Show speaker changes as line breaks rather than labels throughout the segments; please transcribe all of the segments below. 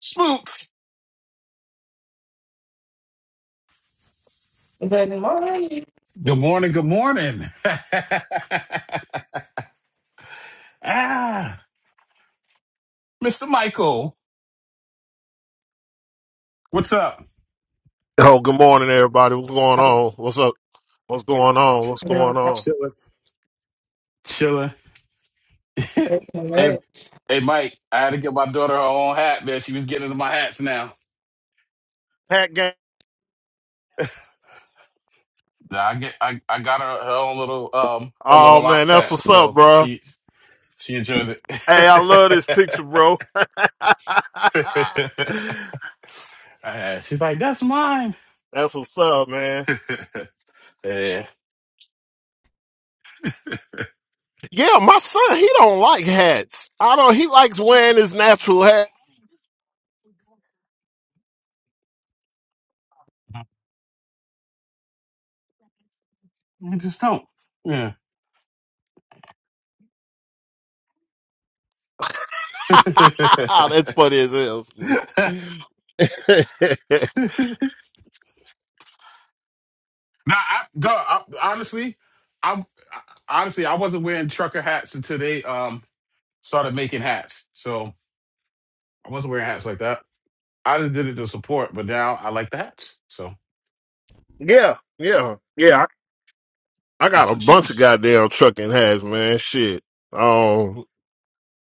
Spooks. Good morning. Good morning. ah, Mr. Michael, what's up?
Oh, good morning, everybody. What's going on? What's up? What's going on? What's going on?
Chilling. Chilling. Hey, hey, Mike. I had to get my daughter her own hat, man. She was getting into my hats now.
Pat game.
Nah, I get, I, I got her her own little, um, her
Oh
little
man,
locks
that's
hat,
what's up,
so
bro.
she, she enjoys it.
Hey, I love this picture, bro.
Ah, She's like, that's mine.
that's what's up, man.
yeah,
Yeah, my son, he don't like hats. I don't. He likes wearing his natural hat.
I just don't. Yeah.
that's funny as hell.
Nah, I, duh, I, honestly, I'm I, honestly I wasn't wearing trucker hats until they um started making hats. So I wasn't wearing hats like that. I just did it to support, but now I like the hats. So
yeah, yeah, yeah. I I
that's
got a
what
bunch of
changed.
goddamn trucking hats, man. Shit. Um.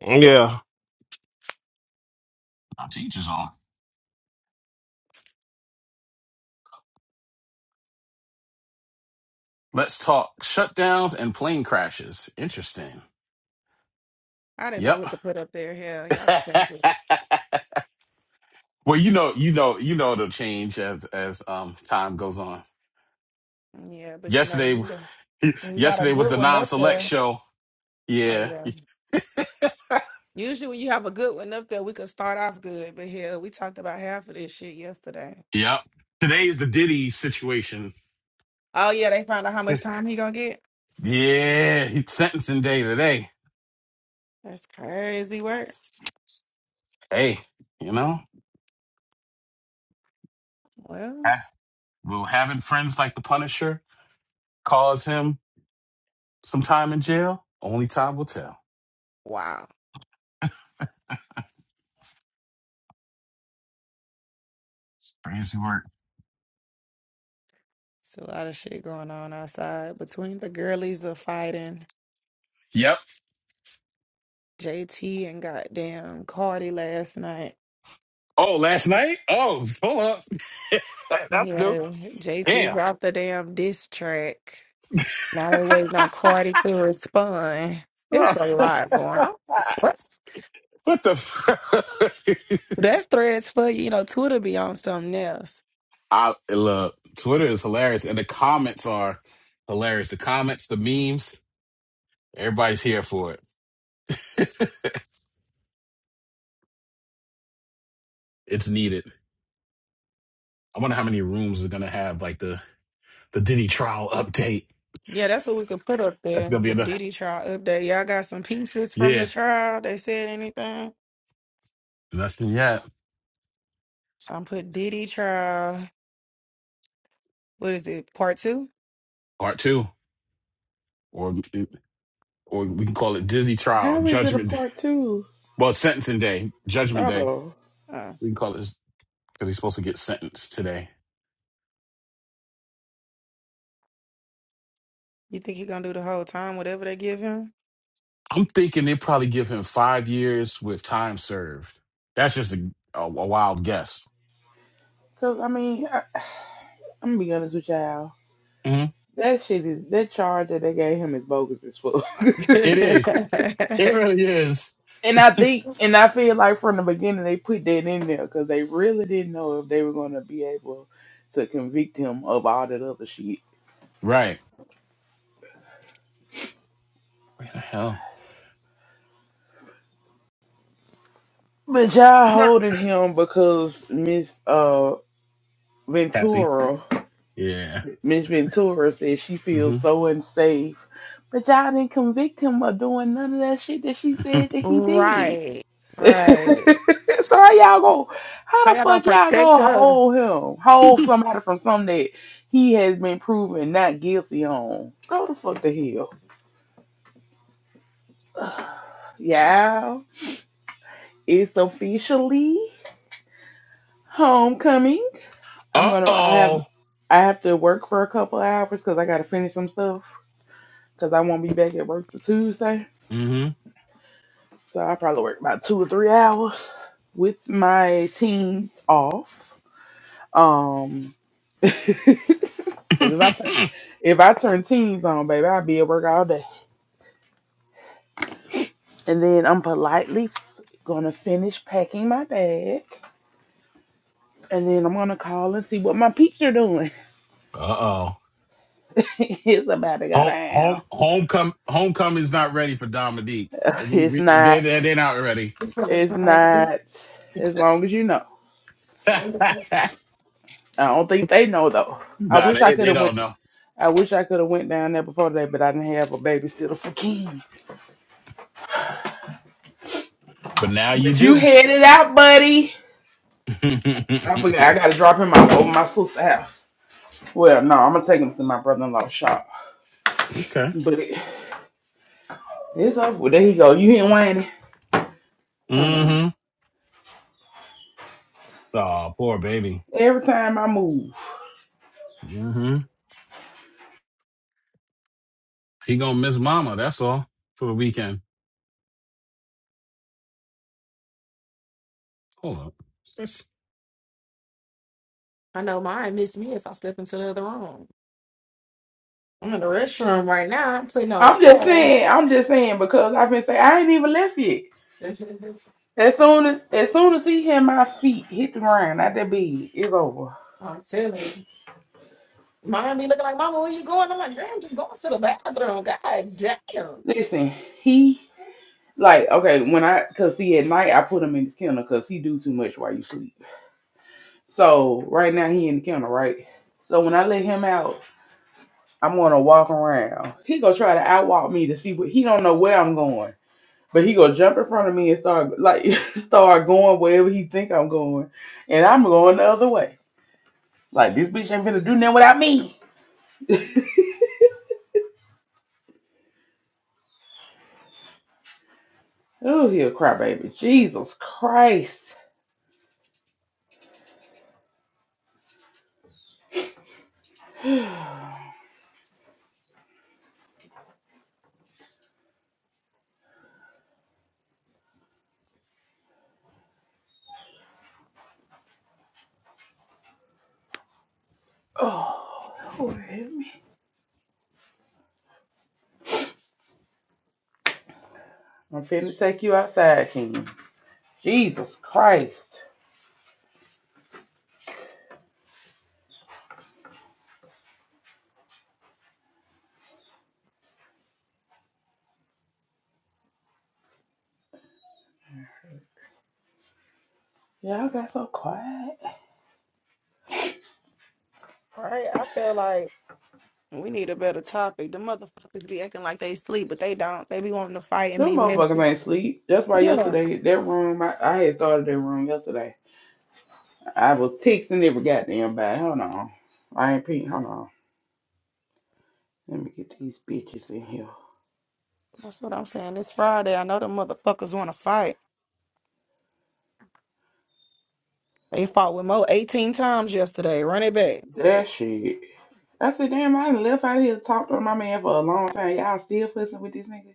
Yeah.
Our teachers on. Let's talk shutdowns and plane crashes. Interesting. Yep. well, you know, you know, you know it'll change as as um time goes on. Yesterday, yesterday was the non-select show. Yeah. Yep. Today is the Diddy situation. Yeah, he's sentencing day today. Hey, you know, ah, will having friends like the Punisher cause him some time in jail? Only time will tell. Crazy work. Yep. Oh, last night? Oh, hold up. That's new. Damn. what the? F- I look. Twitter is hilarious, and the comments are hilarious. The comments, the memes. Everybody's here for it. It's needed. I wonder how many rooms are gonna have like the the Diddy trial update. That's gonna be another. Yeah, nothing yet. Part two, or or we can call it Dizzy trial,
How is it a
Judgment. Day.
part two?
Well, sentencing day, Judgment day.
Oh,
We can call it because he's supposed to get sentenced today. I'm thinking they probably give him five years with time served. That's just a, a, a wild guess.
because I mean, I, I'm gonna be honest with y'all.
hmm
That shit is that charge that they gave him is bogus as fuck.
It is. It really is.
and I think, and I feel like from the beginning they put that in there because they really didn't know if they were gonna be able to convict him of all that other shit.
Right. Where the hell?
But y'all
Burp.
holding him because Miss uh
Patsy.
Ventura
Yeah.
Miss Ventura said she
hmm
feels so unsafe. But y'all didn't convict him of doing none of that shit that she said that he did. so how y'all go how the fuck y'all go hold him? Hold somebody from something that he has been proven not guilty on. Go the fuck to hell. Y'all, it's officially homecoming. I'm
uh
gonna I have
oh.
I have to work for a couple hours because I gotta finish some stuff. Cause I won't be back at work till Tuesday.
hmm
So I probably worked about two or three hours with my teens off. Um, Cause if I
uh
turn if I turn teens on, baby, I'll be at work all day. And then I'm politely f- gonna finish packing my bag, and then I'm gonna call and see what my peeps are doing.
oh.
it's about to go
Home, home,
down.
homecoming, homecoming's not ready for Dominique. We,
It's
we, they,
not.
they, they're not ready.
It's not. As long as you know, I don't think they know though. I
nah,
wish I
they,
could
they
have went.
don't know.
I wish I could have went down there before today, but I didn't have a babysitter for King.
But now you
But you
do.
headed out, buddy. I forgot I gotta drop him off over my sister's house. Well, no, I'm gonna take him to my brother-in-law's shop.
okay.
But it- it's over. Well, there he go. You hear Wayne? Hold on.
Mm-hmm. Oh, poor baby.
Every time I move,
Mm-hmm. He gonna miss mama. That's all for the weekend. Hold up.
I'm just saying. I'm just saying because I've been saying I ain't even left yet. As soon as as soon as he hit my feet hit the ground at that bed, it's over. Listen, he Like, okay, when I, cause see, at night I put him in the kennel cause he do too much while you sleep. So right now he in the kennel, right? So when I let him out, I'm gonna walk around. He gonna try to outwalk me to see what he don't know where I'm going, but he gonna jump in front of me and start like start going wherever he think I'm going, and I'm going the other way. Like this bitch ain't gonna do nothing without me. Oh, he'll cry, Jesus Christ. oh, Lord. I'm finna take you outside, King. Jesus Christ. Y'all got so quiet. Them motherfuckers ain't sleep. That's why yesterday, that room, I, I had started that room yesterday. I was texting every goddamn body. Hold on. I ain't peeing. Hold on. Let me get these bitches in here. That shit. I said, damn, I done left out here to talk to my man for a long time. Y'all still fussing with this nigga?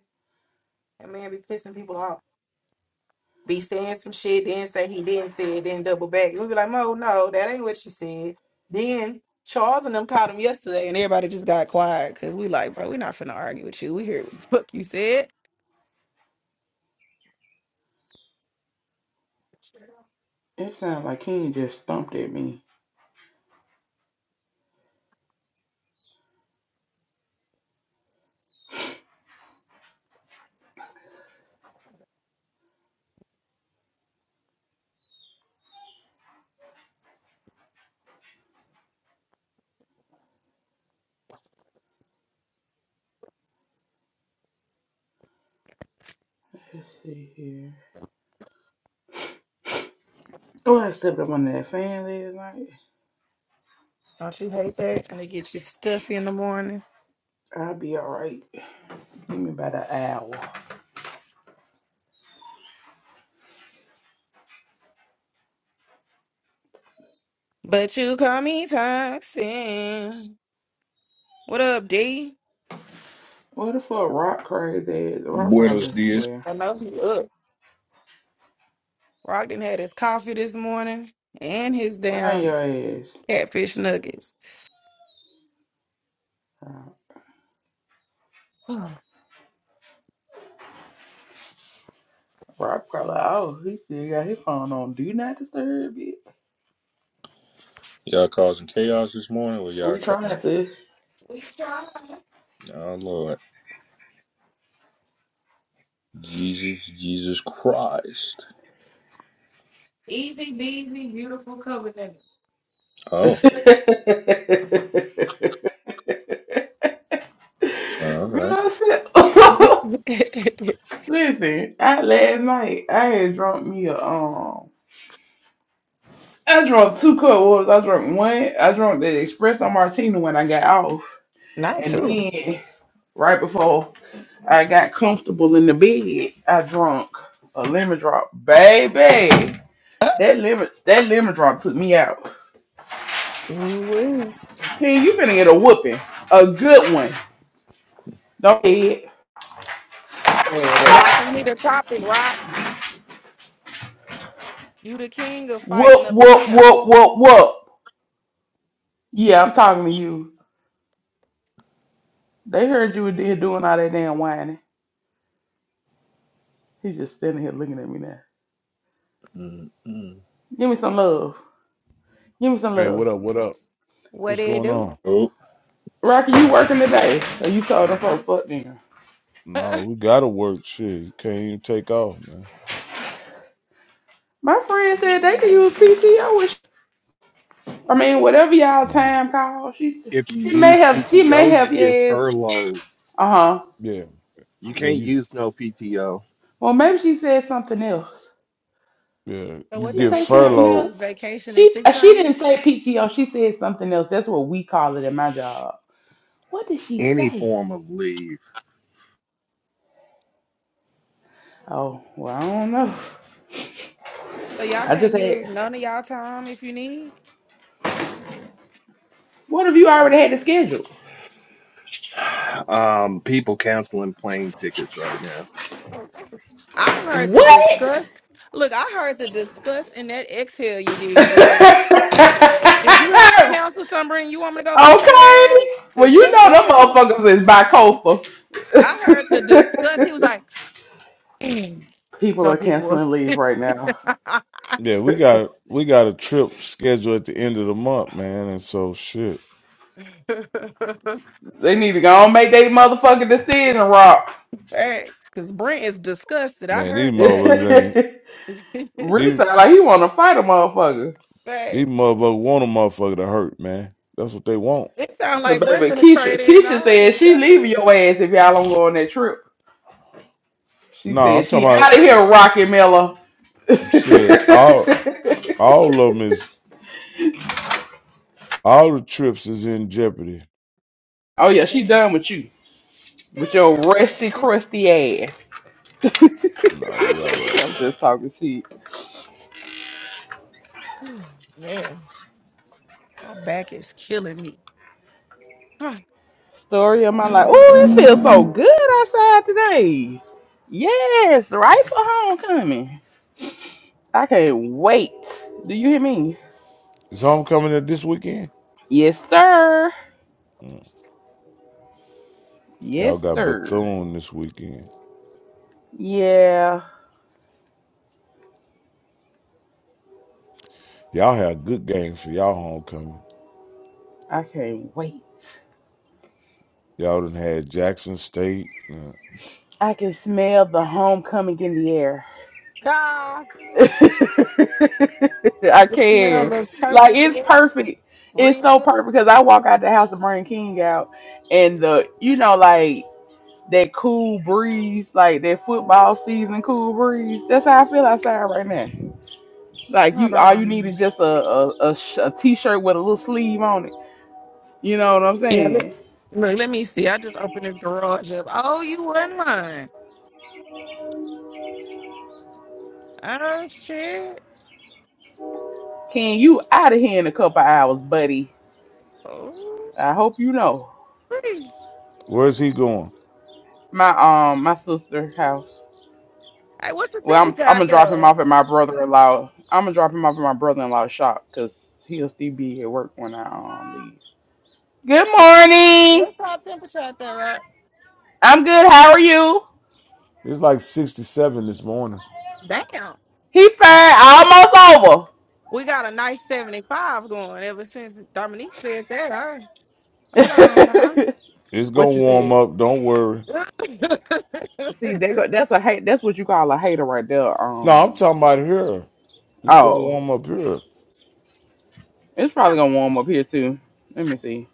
It sounds like King just stumped at me. Let's see here. Oh, I stepped up under that fan last night. I'll be alright. Give me about an hour. What the fuck, Rock crazy ass? Rock
Buenos
probably,
dias.
well, run your ass. Uh, Rock probably, oh, he still got his phone on. Do not disturb it.
Y'all causing chaos this morning or
We
y'all
trying
coming?
to.
Oh, Lord. Jesus, Jesus Christ. Oh, all right.
Girl, shit. Listen, I last night, I had drunk me a, um, I drank two cup waters. I drank one, I drank the espresso martini when I got off. And then, right before I got comfortable in the bed. I drunk a lemon drop, baby. That lemon, that lemon drop took me out. King, you finna get a whooping, a good one. Don't head. Whoop, whoop, whoop, whoop, whoop. Yeah, I'm talking to you. They heard you were there doing all that damn whining. He's just standing here looking at me now.
Mm-mm.
Give me some love. Give me some
Hey, what
love.
up? What up? What's going on?
Rocky, you working today? Or you told them folks fuck dinner?
No, we gotta work. Shit, you can't even take off, man.
My friend said they could use PTO and I mean, whatever y'all
No.
time call, she
if you
she may
use
have she may
PTO, you
have
get
yes.
furloughed.
Uh huh.
Yeah,
You
yeah,
can't
you,
use no PTO,
Well, maybe she said something else.
yeah,
Did
you
she
get
say something
furloughed.
else? She uh, she didn't say PTO. She said something else. That's what we call it at my job. What did she
any
say?
form of leave.
Oh well, I don't know. I just had. What if you already had the schedule?
Um, people canceling plane tickets right now.
What? okay. Well, you know them motherfuckers is bi-coastal. People are canceling leave right now.
Yeah, we got we got a trip scheduled at the end of the month, man. And so shit,
They need to go and make their motherfucking decision, Rock.
man, these motherfuckers ain't
Rich
these
sound like he want to fight a motherfucker.
these motherfuckers want a motherfucker to hurt, man. That's what they want.
Cause baby, Keisha, Keisha said she leaving your ass if y'all don't go on that trip. She
No, I'm
said
talking
she out
about
of here, Rocky Miller.
shit. All all of them is all the trips is in jeopardy.
oh yeah, she done with you, with your rusty, crusty ass. I'm
No, we all right.
just talking shit. Story of my life. Oh, it feels so good outside today. Yes, right for homecoming. I can't wait. Do you hear me?
Is homecoming this weekend?
Yes, sir.
Mm. Y'all
Yes,
got
sir.
Bethune this weekend.
Yeah,
Y'all had good games for y'all homecoming.
I can't wait.
Y'all done had Jackson State. Yeah.
I can smell the homecoming in the air. I can. Like it's perfect. It's so perfect because I walk out the house and bring King out, and the you know like that cool breeze, like that football season cool breeze. That's how I feel outside right now. Like you, all you need is just a a, a, sh- a t-shirt with a little sleeve on it. You know what I'm saying? Can you out of here in a couple hours, buddy? I hope you know
Where's he going?
my um my sister house. Well, I'm I'm gonna drop him off at my brother-in-law. I'm gonna drop him off at my brother-in-law's shop because he'll still be at work when I um leave. Good morning. I'm good. How are you?
It's like 67 this morning.
He fine. Almost over.
It's
what
going to
you
warm
said.
up. Don't worry.
See, they go, that's a hate. That's what you call a hater right there.
No, I'm
Um.
talking about here. It's going to
Oh,
warm up here.
it's probably gonna warm up here too. Let me see.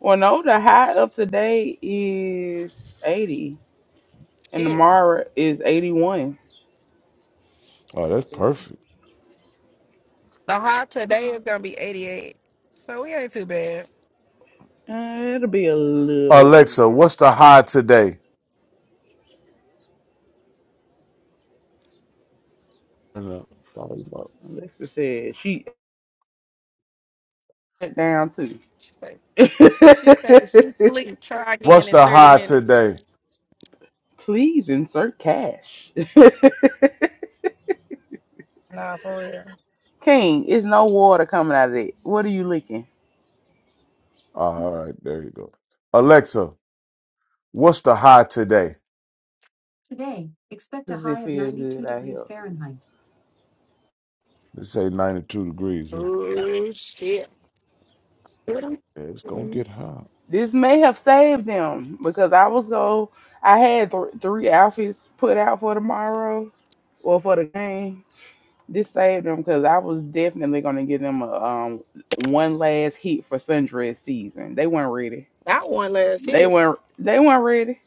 Well, no, the high of today is eighty, and tomorrow is eighty-one.
Oh, that's perfect.
Uh, it'll be a little
Alexa,
warm.
what's the high today? I know. Sorry about-
Alexa said she it down too.
What's the high today?
Please insert cash. King, it's no water coming out of it. What are you licking?
Oh, all right. There you go. Alexa, what's the high today?
Does it feel good out here?
They say 92 degrees here. Yeah, it's going to get high.
This may have saved them because I was go. I had th- three outfits put out for tomorrow or for the game. This saved them because I was definitely gonna give them a um one last hit for sundress season. They weren't ready. They weren't. They weren't ready.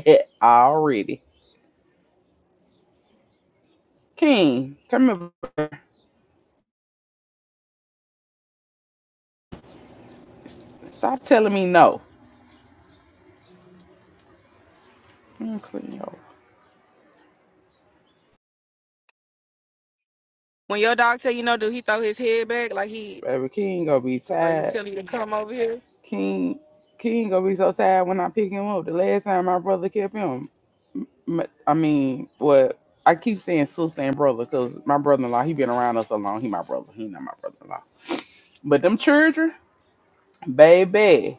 Already. King, come here. Stop telling me no. I'm clean your baby. King gonna be tired. King, King gonna be so tired when I pick him up. The last time my brother kept him. m- I mean, well, I keep saying sister and brother because my brother in law, he been around us so long. He my brother. He not my brother in law. But them children, baby,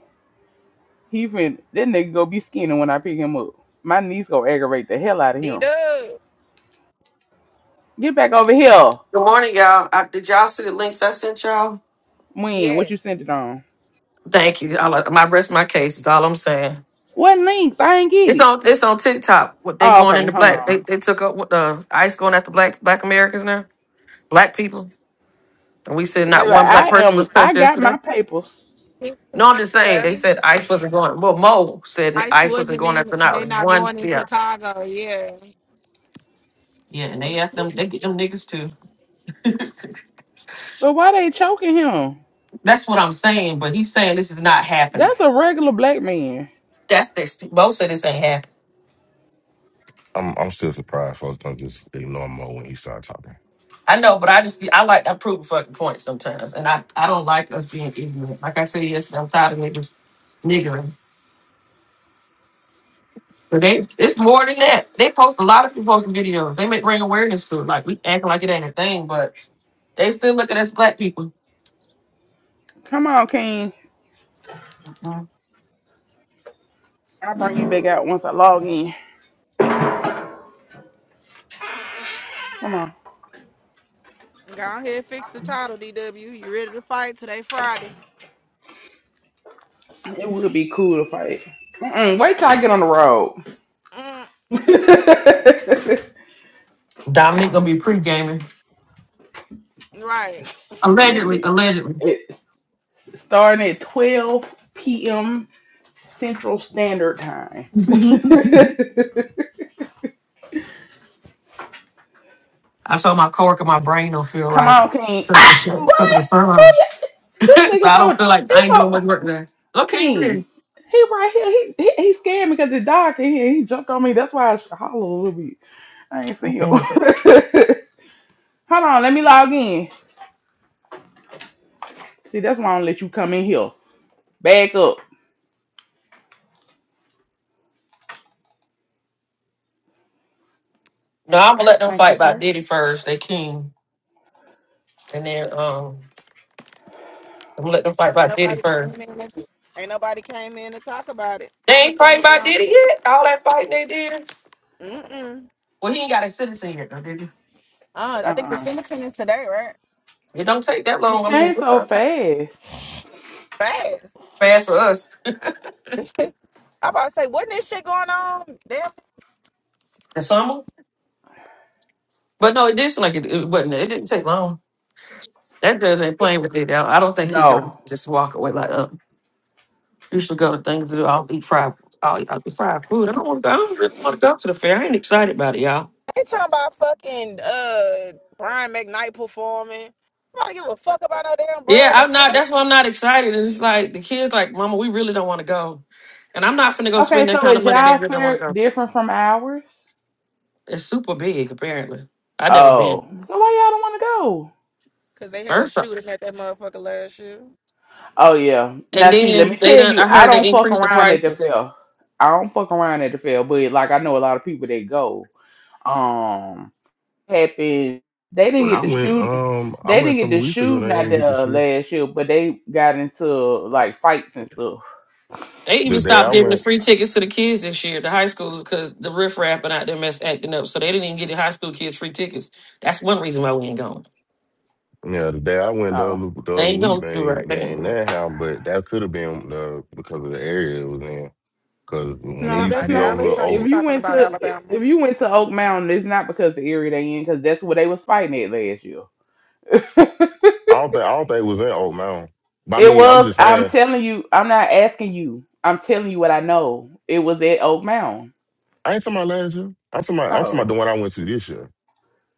he fin that nigga go be skinny when I pick him up. My niece gonna aggravate the hell out of him. Get back over here.
Good morning, y'all. I, did y'all see the links I sent y'all?
When? What you sent it on?
Thank you. I'll, my rest my case is all I'm saying.
What links? I ain't get
It's
it.
on. It's on TikTok. What they
Oh,
going
okay.
into
Hold
black?
on.
They they took up what, uh, ICE going after black black Americans now. Black people. And we said not
Baby,
one black
I
person
am.
was touched
I got
yesterday.
my papers.
No, I'm just saying they said ICE wasn't going. Well, Mo said ICE wasn't going after not one. Yeah. Yeah, and they after them. They get them niggas too.
But why they choking him?
That's what I'm saying. But he's saying this is not happening.
That's a regular black man.
That's their st- Mo said this ain't happening.
I'm I'm still surprised folks don't just ignore Mo when he started talking.
I know, but I just be I like I prove a fucking point sometimes, and I I don't like us being ignorant. Like I said yesterday, I'm tired of niggas niggering. But they it's more than that. They post a lot of people posting videos. They make bring awareness to it. Like we acting like it ain't a thing, but they still look at us black people.
Come on, King.
Mhm.
I'll bring you back out once I log in. Come on. It would be cool to fight. Mm-mm, wait till I get on the road.
Dominique gonna be pre gaming allegedly.
Shit.
Allegedly,
it starting at twelve p.m. Central Standard Time.
I told my coworker my brain don't feel
Come
right
on, King.
because of the
Ah,
shit because of the
boy, boy,
furloughs.
yeah. this
so
nigga
I don't
so
feel like I
it's
ain't doing
so
much work today.
King.
Okay,
He right here. He he, he scared me because the dog came here. He jumped on me. That's why I hollered a little bit. I ain't see him.
then.
Hold on, let me log in. See, that's why I don't let you come in here. Back up.
No, I'm gonna let them
Thank you,
fight by
sir.
Diddy first. They king, and then um, I'm gonna let them fight by Diddy first. They ain't fighting by Diddy yet. All that fighting they did. Well, he ain't got his citizen yet, though, did he?
Uh uh
It don't take that long.
It
I mean,
came
it's
so
not
fast.
fast for us. The summer, but no, it did seem like it, it wasn't. It didn't take long. That judge ain't playing with it. I I don't think he gonna
No.
just walk away like, uh, you should go to things. I'll eat fried. I'll, I'll eat fried food. I don't want to. I don't really want to go to the fair. I ain't excited about it, y'all. Yeah, I'm not. That's why I'm not excited. And it's like the kids, like, Mama, we really don't want to go, and I'm not finna go
Okay,
spend that
so
kind of
is
money. They
y'all
really don't want to
fare
go.
different from ours?
It's super big, apparently. I never been
Oh. So why y'all don't want to go?
first, off.
Oh, yeah.
and
Now, see, let me
then they
tell
done.
you,
I
I
heard they
don't fuck
increased the
around at the
prices.
fair. I don't fuck around at the fair, but like I know a lot of people that go. Um, happened. They didn't
When I
get to
went,
shoot.
um, I
They
went
didn't
a
get
couple
to
weeks ago.
shoot
They
out
ain't get to
there
shoot.
last year, but they got into like fights and stuff.
They
The
even
day
stopped
I
giving the
went,
free tickets to the kids this year, the high schoolers, because the riff rapping out there mess acting up. So they didn't even get the high school kids free tickets. That's one reason why we ain't going.
yeah, the day I went the
Oh.
other the
They
other
ain't
week,
gonna
they
do right.
ain't
They
they
ain't.
ain't that house, but that could have been the because of the area it was in. Because when it
No,
used to
that's
be
not.
over
i-
over,
If you went to i- if you went to Oak Mountain, it's not because the area they in, because that's where they was fighting at last year.
I don't think I don't think it was in Oak Mountain. But I
It
mean, I'm
was.
just
I'm
saying,
telling you. I'm not asking you. I'm telling you what I know. It was at Oak Mountain.
I ain't talking about last year. I'm talking about I'm talking about
Oh,
the one I went to this year.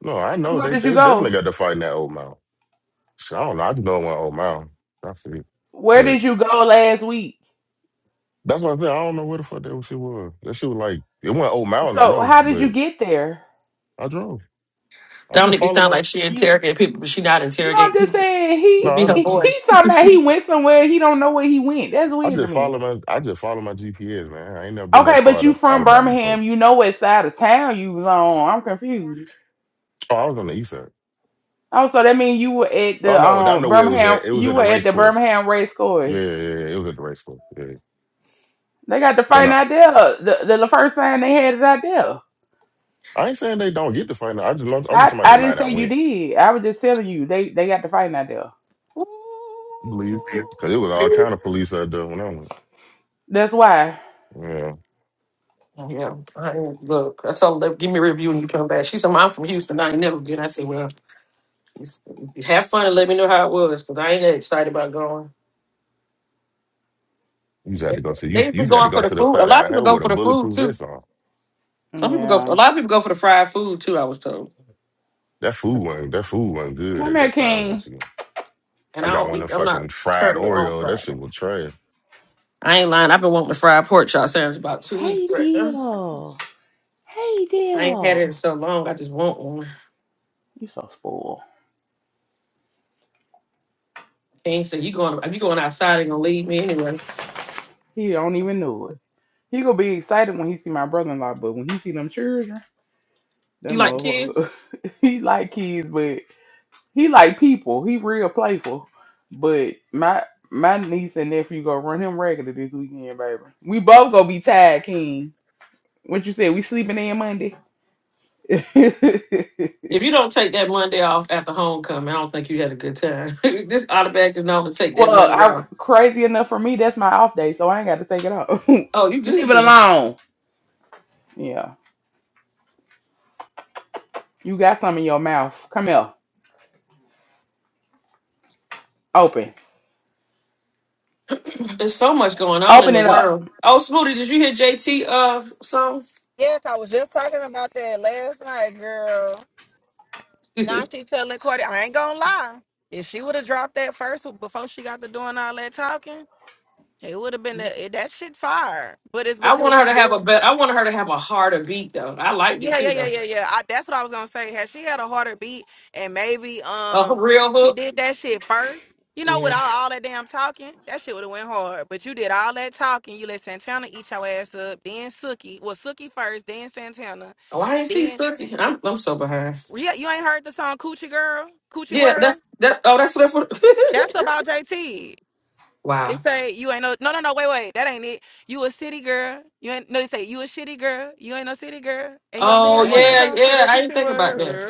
No, I
so
know
where
they
did you
they definitely
go?
got to fight in that Oak Mountain. So I don't know. I just know it went Oak Mountain. That's it.
Where
But
did you go last week?
That's what I said. I don't know where the fuck that shit was. That shit was like it went old mountain, I
So
know,
how did you
but
get there?
I drove. I just
Dominic, you
follow
sound
my
like she
You.
interrogate people, but she not
No, I'm
interrogate
just
people.
saying
no,
It
he.
be
I
her
know.
He
voice.
talking about he went somewhere. He don't know where he went. That's
I
weird to
just
me.
follow my I just follow my GPS, man. I ain't never been that
Okay, but
part
you
of
from
Alabama before.
Birmingham. You know what side of town you was on. I'm confused.
Oh, I was on the east side.
Oh, so that means you were at
Oh
the
no, I
um
know where it was
Birmingham.
at. It was
You
at the
were at
race
the
course.
Birmingham race
Yeah, yeah,
course.
yeah. It was at the race course. Yeah.
They got the
But
fighting
no,
out there. The, the the first time they had is out there.
I ain't saying they don't get to find out. I just know I'm just
I
talking about the
I didn't
night I
say you
went.
did. I was just telling you they they got the fighting out there.
I believe. Cause it was all kind of police out there when I went.
That's why.
Yeah.
Yeah, I look. I told her, give me a review when you come back. She said, "Mom, I'm from Houston. I ain't never been." I said, "Well, have fun and let me know how it was, because I ain't that excited about going."
You just had
They
to go to you,
they
you
be
just had
going
to
for
go
the
to the
food. A
fat
lot of
out
people
here
go
with a
for the food
bulletproof
too.
vest on.
Some people go. a
Yeah.
lot of people go for the fried food too. I was told,
That food wasn't that food wasn't good
Come
at that
here,
fast. I went
King.
to.
and
I
I
got
don't
one of them
eat. I'm not
fucking fried
currently on
Oreo. That
fried.
shit was trash.
I ain't lying. I've been wanting the fried pork chop sandwich about two
Hey,
weeks. right now.
deal. Hey,
I ain't had it in
deal.
so long. I just want one.
You so spoiled.
King said, "You going? You going outside? And gonna leave me anyway?"
He don't even know it. He gonna be excited when he see my brother-in-law, but when he see them children, that
You like kids?
motherfucker, he like kids, He like people. He real playful. But my my niece and nephew gonna run him regular this weekend, baby. We both gonna be tired, King. What you said? We sleeping in Monday.
If you don't take that Monday off after homecoming, I don't think you had a good time. Just automatically know to take that
well,
Monday
I
off.
crazy enough for me. That's my off day, so I ain't got to take it off. Leave
Oh, you good
it
then?
alone. Yeah, you got some in your mouth. Come here. Open.
There's so much going on in
Open
the
it up.
world. Oh, Smoothie, did you hear JT uh song? I want her to have a bet. I want her to have a harder beat though. I liked it too though. A real hook. Yeah. Oh, I ain't see Swifty. I'm I'm so behind. Yeah, that's that. Oh, that's left. foot. Wow. Oh
Damn.
yeah, yeah. I didn't think about that.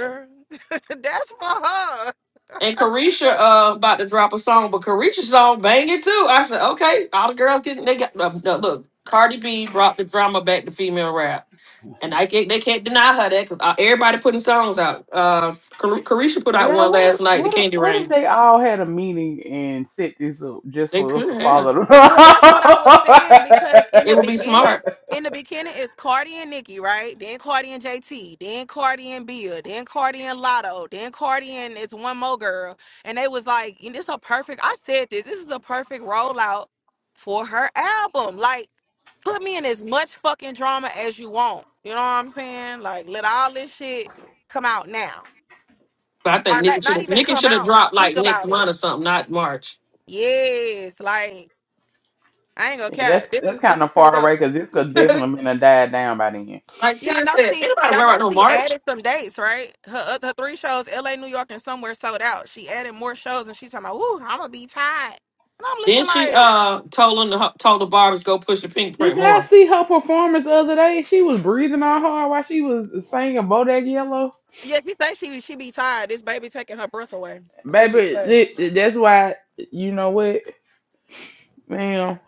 And Carisha uh about to drop a song, but Carisha's song bang it too. I said, okay, all the girls getting they got uh, no, look. Cardi B brought the drama back to female rap, and I can't, they can't deny her that because everybody putting songs out. Uh, Car- Carisha put out
Yeah,
one
what
last
if,
night, the
what if,
Candy
what if
Rain.
they all had a meeting and set this up just
They
for us
could
to
have.
follow them? yeah,
It would be smart, but I think Nicki should have. Nicki should have dropped like next month or something, not March.
that's that's kind of far away because this could definitely been a died down by then.
Like Tia said, anybody wear out no March. Then she uh told him to, told the barbers go push the pink
Did
print
y'all
more.
see her performance the other day? She was breathing on hard while she was singing Bodak Yellow. Baby, it, it- that's why you know what, man.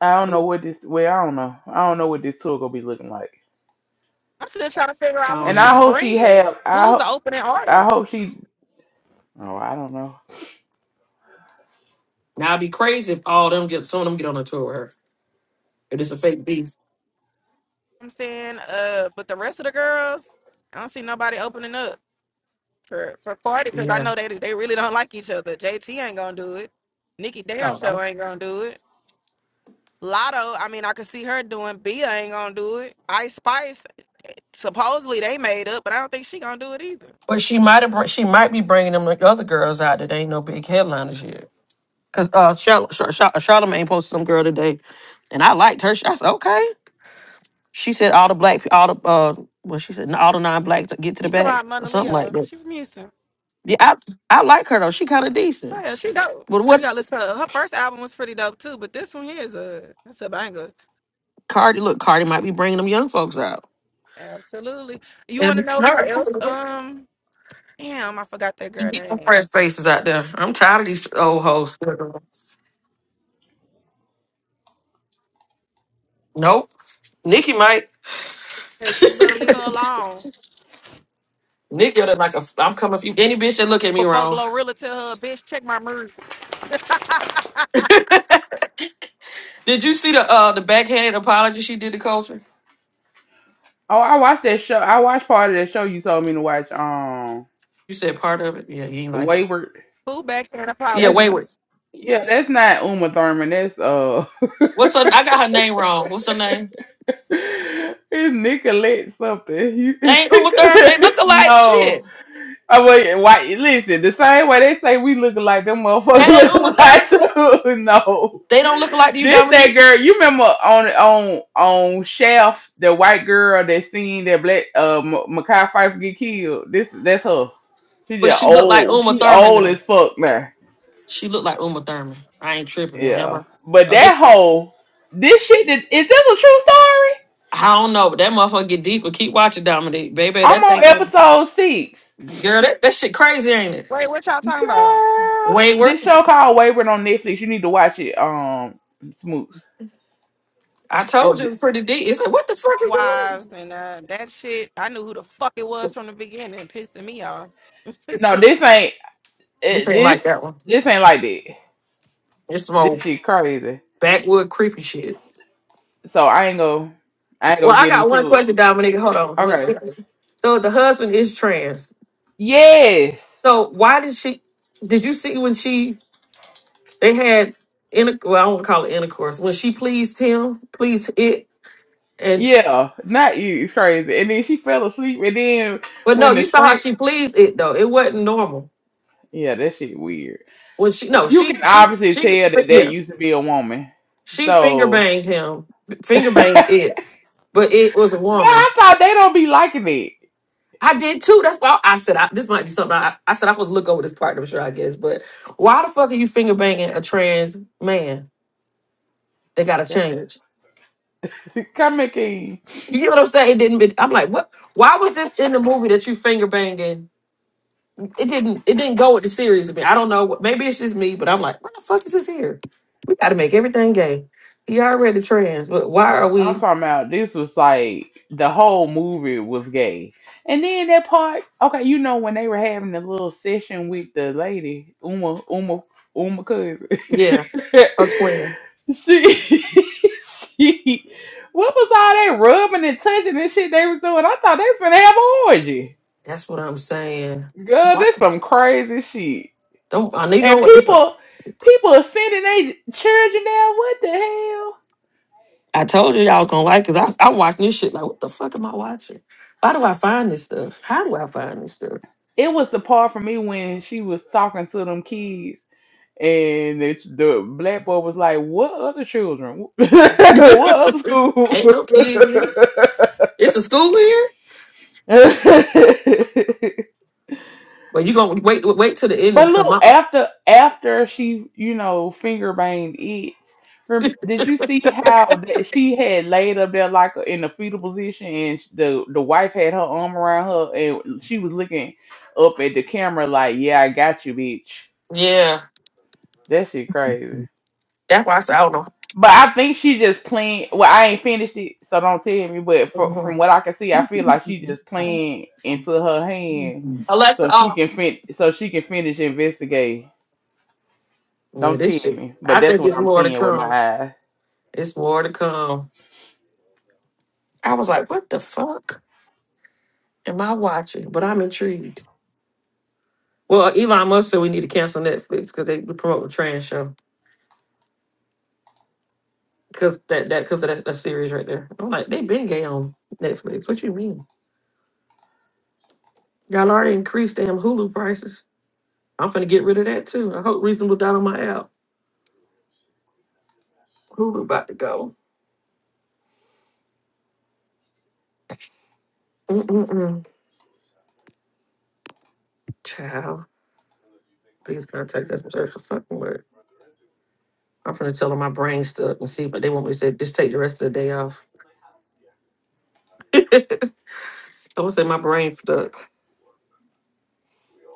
I don't
I
know what this. Well, I don't know. I don't know what this tour gonna be looking like. And
don't
I
know.
hope she have. I ho- I hope she. Oh, I don't know.
Now I'd be crazy if all them get some of them get on a tour with her. If it's a fake beef. Yeah. No, that was But she might have br- she might be bringing them like other girls out that ain't no big headliners yet. Cause uh Char- Char- Char- Charlamagne posted some girl today, and I liked her. I said okay. She said all the black pe- all the uh well she said all the non blacks get to the back or something like that. Yeah, I I like her though. She kind of decent. But what Cardi look Cardi might be bringing them young folks out. It'll be smart. Get some fresh faces out there. I'm tired of these old hoes. Nope. Nikki might. Nikki look like a. I'm coming for you. Any bitch that look at me wrong. did you see the uh the backhanded apology she did to Culture?
Oh, I watched that show. I watched part of that show you told me to watch. Um,
You said part of it. Yeah, you ain't like it.
Wayward.
Yeah,
That's n
Wayward.
yeah. That's not Uma Thurman. That's uh,
What's her? I got her name wrong. What's her name?
it's Nicolette something. You
They ain't Uma Thurman. They look alike.
no.
Shit.
Oh wait. Why? Listen. The same way they say we look alike, them motherfuckers
That ain't
look
Uma Thurman.
alike too. No.
They don't look alike to you,
This that
Dominique.
girl. You remember on on on Shaft, the white girl that seen that black uh Makai Pfeiffer get killed. This that's her. She
But
just
she look like
old.
Uma
She
Thurman
old
though.
as fuck now.
She look like Uma Thurman. I ain't tripping now, am I?
Yeah. But
Oh, they
that whole this shit that- is this a true story?
I don't know, but that motherfucker get deeper. Keep watching Dominique, baby.
I'm
That
on
thing, uh,
episode six.
girl, that, that shit crazy, ain't it?
Girl,
Wayward.
this show called Wayward on Netflix. You need to watch it. Um, Smoots.
I
It's
told you it
good.
was pretty deep. It's like, what the fuck is going on? This
No, this ain't.
this
It,
ain't like
this
that one.
this ain't like that.
It's some
This
old
shit crazy.
backwood creepy shit.
So I ain't go I ain't
Well,
gonna
I
get
got one
into it.
question, Dominique. Hold on. What-
Okay.
So the husband is trans.
Yes.
So why did she? Did you see when she they had inter? Well, I won't call it intercourse. When she pleased him, pleased it, and
Yeah. Not you. It's crazy. And then she fell asleep and then
but no,
when the
you saw how
shrink,
she pleased it though. It wasn't normal.
Yeah, that shit weird.
Well, she no,
You
she
can
she
obviously
she
tell that that
yeah,
used to be a woman.
she finger
So
banged him, finger
But
banged it, but it was a woman.
I thought they don't be liking it.
I did too. That's why I said I, this might be something. I, I said I was look over this partner, sure I guess, but why the fuck are you finger banging a trans man? They got to
That's
change.
Come here, King.
You know what I'm saying? It didn't. It, I'm like, what? Why was this in the movie that you finger banging? It didn't. It didn't go with the series to me. I don't know. what- Maybe it's just me, but I'm like, why the fuck is this here? We got to make everything gay. He already trans, but why are
I'm
we?
talking about this was like the whole movie was gay. And then that part, okay, you know when they were having the little session with the lady, Uma Uma Uma cousin.
Yeah, a twin.
she, she what was all that rubbing and touching and shit they was doing? I thought they was gonna have an orgy.
That's what I'm saying.
Girl,
What?
this some crazy shit.
Don't I need to know
And
what it's. like.
people people are sending their children down. What the hell?
I told you y'all was gonna like because I I'm watching this shit like what the fuck am I watching? Why do I find this stuff? How do I find this stuff?
It was the part for me when she was talking to them kids, and the, the black boy was like, "What other children? what other school?"
Ain't no kids here. It's a school here. But you gonna wait wait till the
but
ending come
look,
out.
after after she, you know, finger banged it. rem- Did you see how that she had laid up there like in the fetal position, and sh- the the wife had her arm around her, and she was looking up at the camera like, "Yeah, I got you, bitch."
Yeah,
That shit crazy.
that's why I said I don't
But I think she just playing. Well, I ain't finished it, so don't tell me. But fro- from
know.
what I can see, I feel like she just playing into her hand, so
Alexa,
she
off.
can fin- so she can finish investigating.
Yeah,
Don't
this
tell
shit.
me, but
I
that's
think
what
it's
I'm
more to
seeing with my
come.
eyes.
It's more to come. I was like, what the fuck? Am I watching? But I'm intrigued. Well, Elon Musk said we need to cancel Netflix because they promote the trans show because that that because of that, that series right there. I'm like, they been gay on Netflix. What you mean? Y'all already increased damn Hulu prices. I'm finna get rid of that too. I hope reasonable doubt on my app. Hulu about to go. Mm-mm-mm. Child, please contact us and search for fucking word. I'm finna tell them my brain stuck and see if they want me to say just take the rest of the day off. I'm gonna say my brain stuck.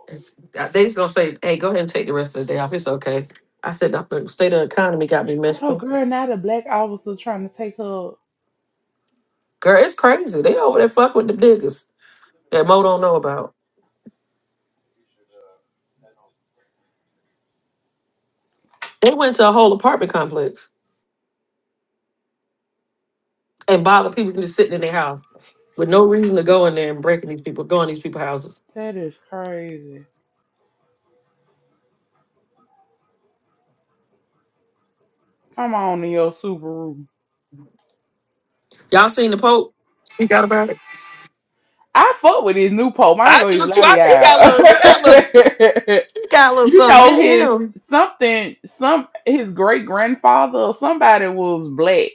It's, uh, they just gonna say, "Hey, go ahead and take the rest of the day off. It's okay." I said, "The state of the economy got me
Hold
messed
on,
up,
girl. Now the black officer trying to take her.
girl. It's crazy. They over there fuck with the niggas that Mo don't know about. They went to a whole apartment complex and bothered people just sitting in their house with no reason to go in there and breaking these people, going these people's houses.
That is crazy. Come on in your Subaru.
Y'all seen the Pope? He got about it.
I fuck with this new Pope. I ain't
I
gonna
do
even
too.
lie
I see he got a little, he got a little,
to y'all.
he got a little
You
something
know
in
his
him.
something some his great grandfather or somebody was black.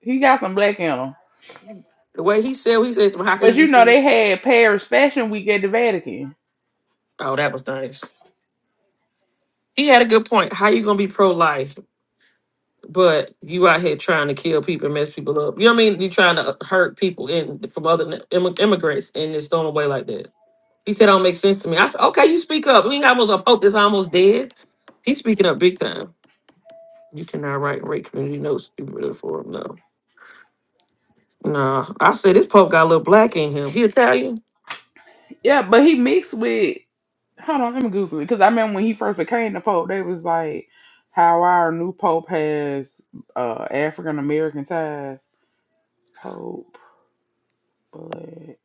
He got some black in him.
The way he said, he said, to me, "How can
But you
you?"
know
be-"
they had Paris Fashion Week at the Vatican.
Oh, that was nice. He had a good point. How you gonna be pro life? but you out here trying to kill people and mess people up. You know what I mean? you trying to hurt people in from other n- immigrants and it's thrown away like that. He said, "Don't make sense to me." I said, "Okay, you speak up." We ain't almost a pope that's almost dead. He's speaking up big time. You cannot write and rate community notes Be ready for him. No, nah. I said this pope got a little black in him. He Italian,
Yeah, but he mixed with hold on, let me Google it because I remember when he first became the Pope, they was like how our new Pope has uh African American ties. Pope black.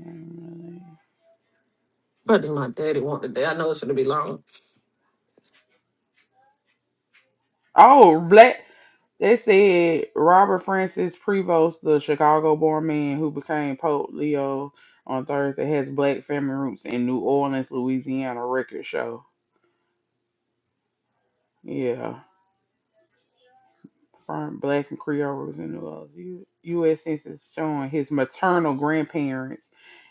mm,
but does my daddy want today? I know it's gonna be long.
Oh, black They said Robert Francis Prevost, the Chicago-born man who became Pope Leo on Thursday, has black family roots in New Orleans, Louisiana record show. Yeah, from black and Creoles in New Orleans. U- U.S. Census showing his maternal grandparents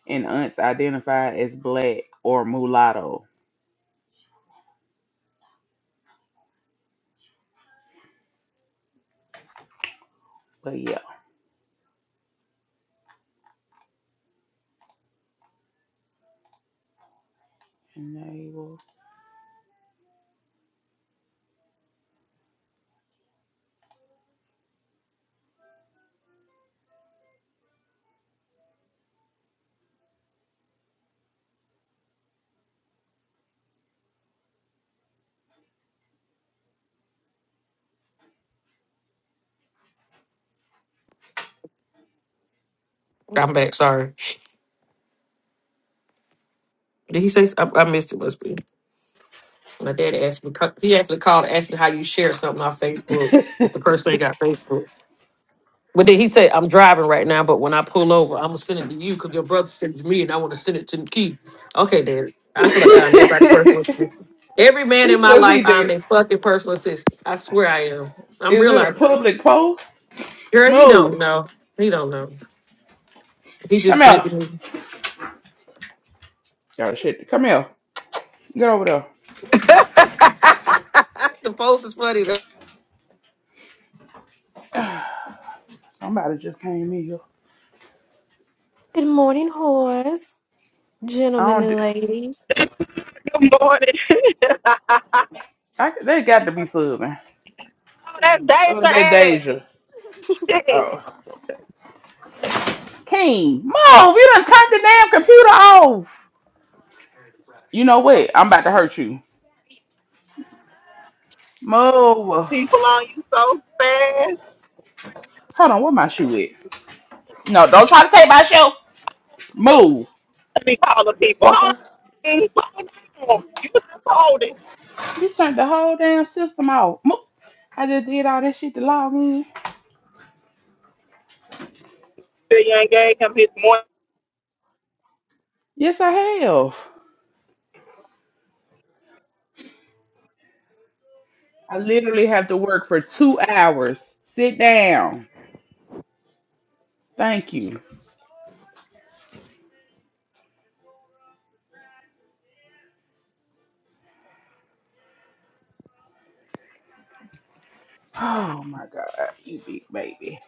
and aunts identified as black or mulatto. But yeah, enable.
I'm back. Sorry. Did he say? I I missed it. Must be. My dad asked me, he actually called and asked me how you share something on Facebook if the person ain't got Facebook. But then he said, I'm driving right now, but when I pull over, I'm going to send it to you because your brother sent it to me and I want to send it to Keith. Okay, dad. I feel like I'm everybody's personal assistant. Every man in
it's
my
just
life,
either
I'm their fucking personal assistant. I swear I am. I'm
is it a
realizing,
public post?
girl, he don't
No,
know. He don't know. He
come
just sent it to
out.
me.
Oh shit, come here. Get over
the post is funny
there. Somebody just came in here.
Good morning, horse.
I
Gentlemen
don't. Do,
and ladies.
I, they got to be subbing.
That's Dave's
Oh, that
ass.
Deja.
Shit.
Oh, King, move! You done turned the damn computer off. You know what? I'm about to hurt you. Move.
People on you so fast.
Hold on, where my shoe at? No, don't try to take my shoe. Move,
Let me call the people. Hold
fucker.
on. Hold on. You just hold it.
You turned the whole damn system off. Move. I just did all that shit to log in.
Till you ain't gave him his money.
Yes, I have. I literally have to work for two hours. Sit down. Thank you. Oh my God, you big baby.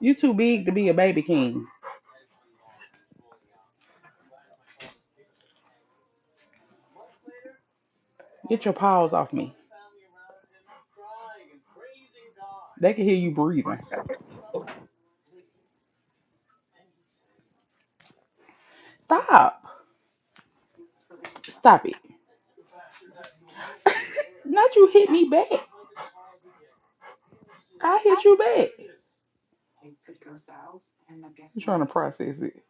You too big to be a baby king. Get your paws off me. They can hear you breathing. Stop. Stop it. Not you hit me back. I hit you back. I'm trying to process it.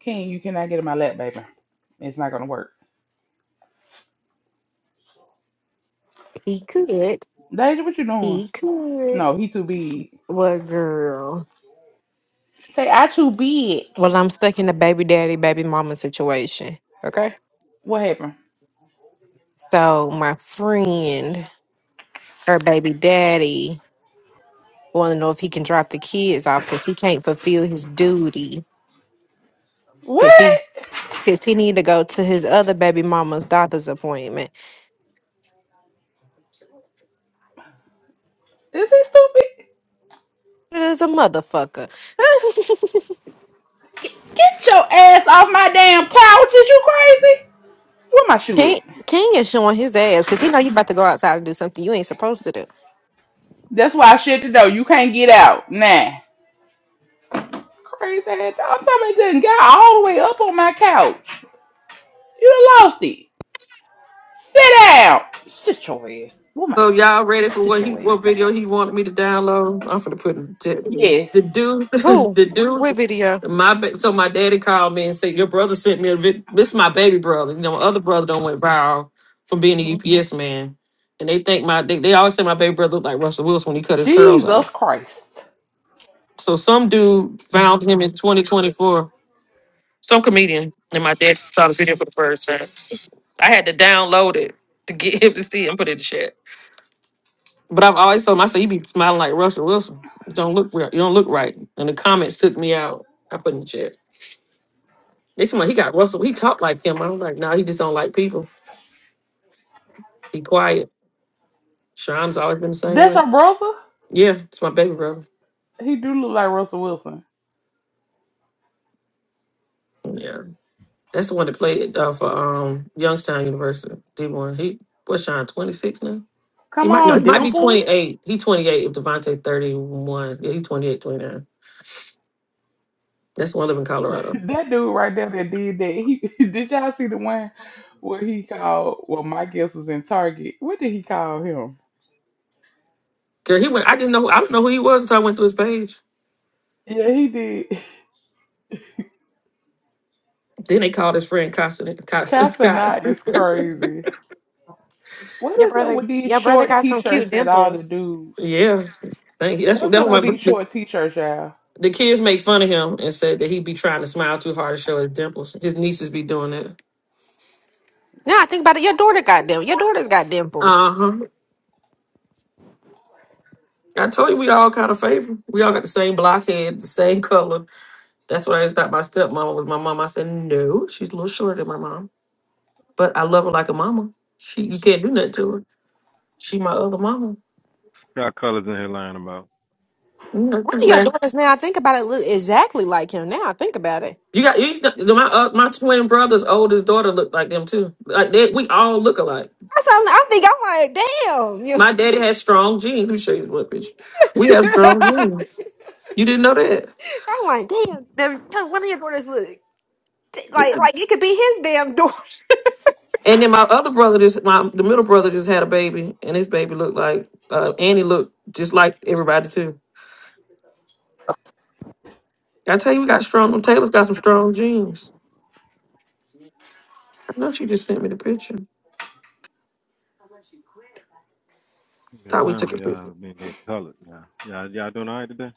King, you cannot get in my lap, baby. It's not gonna work.
He could.
Deja, what you doing?
He could.
No, he too big.
What girl?
Say I too big.
Well, I'm stuck in the baby daddy, baby mama situation. Okay.
What happened?
So my friend, her baby daddy, wanna know if he can drop the kids off because he can't fulfill his duty. Cause he
What?
cause he need to go to his other baby mama's doctor's appointment.
Is he stupid?
It is a motherfucker.
Get your ass off my damn couch. Is you crazy? Where my shoe at?
King King is showing his ass because he know you about to go outside and do something you ain't supposed to do.
That's why I shut the door. You can't get out. Nah. Crazy ass dog. Somebody done got all the way up on my couch. You done lost it. Sit down. Sit your ass. Where my
So y'all ready for
sit
what he
your
what
ass down.
video he wanted me to download? I'm finna put in the the
Yes.
dude
Who?
the dude
What video?
my ba- so my daddy called me and said your brother sent me a vid. This is my baby brother. You know my other brother don't went viral from being
hmm
a UPS man, and they think my they, they always say my baby brother looked like Russell Wilson when he cut his curls
Jesus
off.
Christ.
So some dude found him in 2024, some comedian, and my dad saw the video for the first time. I had to download it to get him to see it and put it in the chat. But I've always told myself, you be smiling like Russell Wilson. You don't look real. You don't look right. And the comments took me out. I put in the chat. They said, well, he got Russell. He talked like him. I'm like, no, nah, he just don't like people. Be quiet. Sham's always been the same
That's
way.
our brother?
Yeah, it's my baby brother.
He do look like Russell Wilson.
Yeah, that's the one that played uh, for um Youngstown University. D one. He what's Sean twenty six now. He
Come
might no,
on,
he might be twenty
dimples.
eight. He twenty eight. If Devontae thirty one, yeah, he 28, 29. That's the one live in Colorado.
That dude right there that did that. He did y'all see the one where he called? Well, my guess was in Target. What did he call him?
Girl, he went. I just know. I don't know who he was until I went through his page.
Yeah, he did.
Then they called his friend Constant Constant Scott.
Casanat is crazy. What
Your
is up
brother,
with these
your brother
short
got some cute
t-shirts that all the
dimples.
dudes?
Yeah. Thank you. That's what
What's
that's
up
what my
with these
the,
short t-shirts, y'all?
the kids made fun of him and said that he be trying to smile too hard to show his dimples. His nieces be doing that.
Now I think about it, your daughter got them. Your daughter's got dimples.
Uh huh. I told you we all kind of favor. We all got the same blockhead, the same color. That's what I always thought my stepmama was. My mom, I said no, she's a little shorter than my mom, but I love her like a mama. She you can't do nothing to her. She my other mama.
Got colors in here lying about.
You know,
One
the
of your
last
daughters now. I think about it, look exactly like him. Now I think about it.
you got you. My uh, my twin brother's oldest daughter looked like them too. Like they, we all look alike.
That's how I'm, I think. I'm like,
My daddy had strong genes. Let me show you what bitch. We
damn.
have strong genes.
You-
You didn't know that?
I'm like, damn. them- them- One of your daughters look like
Yeah.
like it could be his damn daughter.
And then my other brother, just my the middle brother, just had a baby, and his baby looked like uh, Annie looked just like everybody too. I tell you, we got strong. Them Taylor's got some strong genes. I know she just sent me the picture.
We got
Thought we
time
took
for
a
y'all
picture.
to be get colored now. Y'all, y'all doing all right today?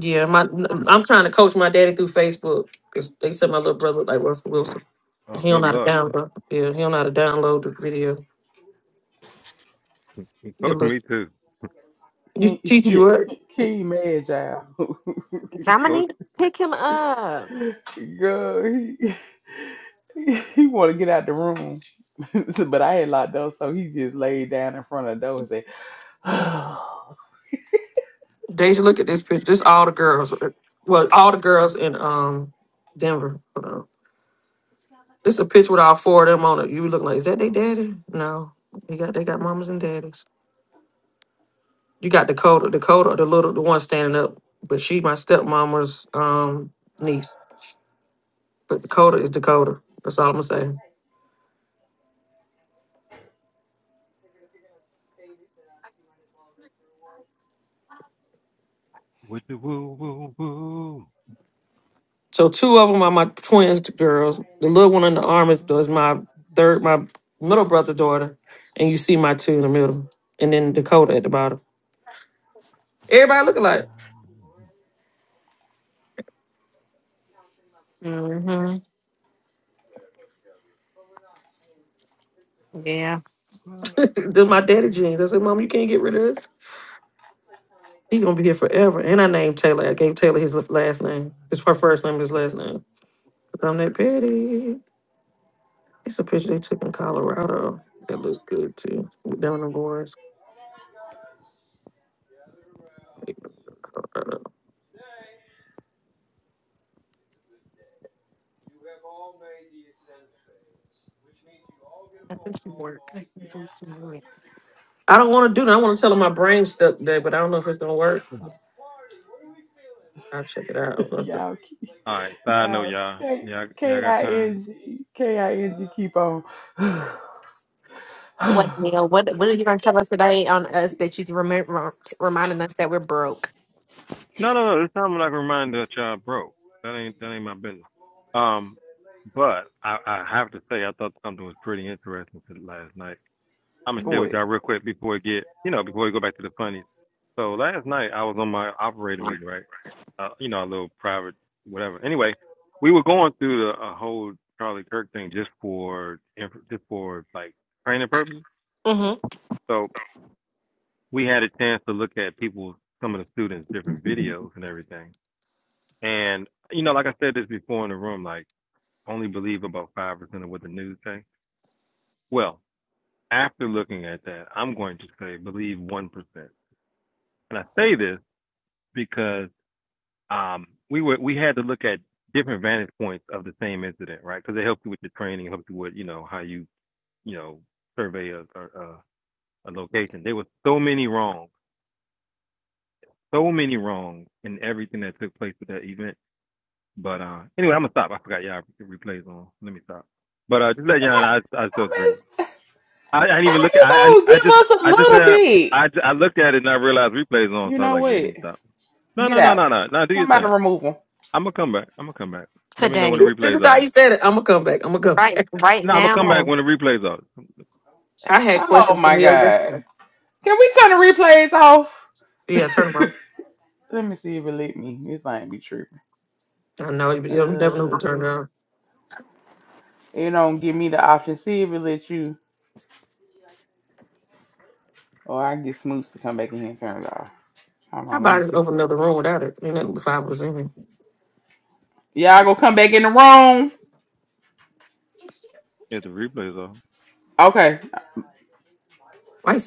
Yeah, my I'm trying to coach my daddy through Facebook because they said my little brother looked like Russell Wilson.
Oh,
He don't
good
know how to
luck.
download. Yeah, he don't know how to download the video. He'll
Coach, me
listen.
too.
Can
Just teach you
yeah,
what.
can mad, y'all?
Coach.
Dominique, pick him up.
Girl, he he want to get out the room, but I had locked door, so he just laid down in front of the door and said,
Deja, look at this picture. This all the girls. Well, all the girls in um Denver. Hold on. This a picture with all four of them on it. You look like is that they daddy? No, they got they got mamas and daddies. You got Dakota, Dakota, the little the one standing up, but she my stepmama's um niece. But Dakota is Dakota. That's all I'm saying.
With the woo, woo, woo.
So two of them are my twins, the girls. The little one in the
Woo,
arm is,
woo,
is my
woo.
third, my middle brother's daughter, and you see my two in the middle, and then Dakota at the bottom. Everybody look alike.
hmm Yeah.
Do my daddy jeans. I said, Mom, you can't get rid of this. He gonna be here forever. And I named Taylor. I gave Taylor his last name. It's her first name, his last name. Cause I'm that petty. It's a picture they took in Colorado. That looks good too. With them and the boys. Like, Colorado. I don't want to do that. I want to tell him my brain stuck today, but I don't know if it's gonna work. I'll check it out. I'm gonna-
Y'all, keep-
All right, side note,
y'all,
y'all.
K
Y'all, y'all
K
got
I
time?
N G K I N G keep on.
What Neil? What What are you gonna tell us today on us that you remember reminding us that we're broke?
No, no, no. This time I'm not gonna remind that y'all broke. That ain't that ain't my business. Um, but I, I have to say I thought something was pretty interesting last night. I'm gonna share with
What?
y'all real quick before we get, you know, before we go back to the funnies. So last night I was on my operator meeting, right? Uh, you know, a little private, whatever. Anyway, we were going through the a whole Charlie Kirk thing just for, just for like training purposes.
hmm
So we had a chance to look at people, some of the students' different videos and everything. And you know, like I said this before in the room, like only believe about five percent of what the news say. Well, after looking at that, I'm going to say believe one percent. And I say this because um, we were we had to look at different vantage points of the same incident, right? Because they help you with your training, help you with you know how you you know survey a, a, a location. There was so many wrongs, so many wrongs in everything that took place with that event. But uh, anyway, I'm gonna stop. I forgot y'all replays on. Let me stop. But uh, just let y'all know, I, I
How,
still agree
I
with.
mean,
I, I didn't
how
even look. At,
you
I
gonna
I I
give
just
us a
I just
little
now
bit?
I, I looked at it and I realized replays on.
You
So I was
know
like, yeah, let
what?
me stop. No,
Get
no, no,
out.
no, no, no. Do your
Somebody
thing.
remove him.
I'm gonna come back. I'm gonna come back. Let me know when
Today,
the
As soon
replay's
as how
off.
he said it, I'm gonna come back. I'm gonna come
right,
back.
right
No, I'm gonna come back
now.
when the replay's off.
I had
Oh
questions for
my
Neil
god.
yesterday.
Can we turn the replays off?
Yeah, turn them on.
Let me see if it let me. This might be tripping.
I know you, you never know who turned
Uh,
it on.
It don't give me the option. See if it lets you, or I get Smoots to come back in here and turn it off. Hold
How
on, let
about
me
I just
text
open
her.
another room without it? You know, the five was in. here.
Yeah, I gonna come back in the room.
If the replay's off.
Okay,
Why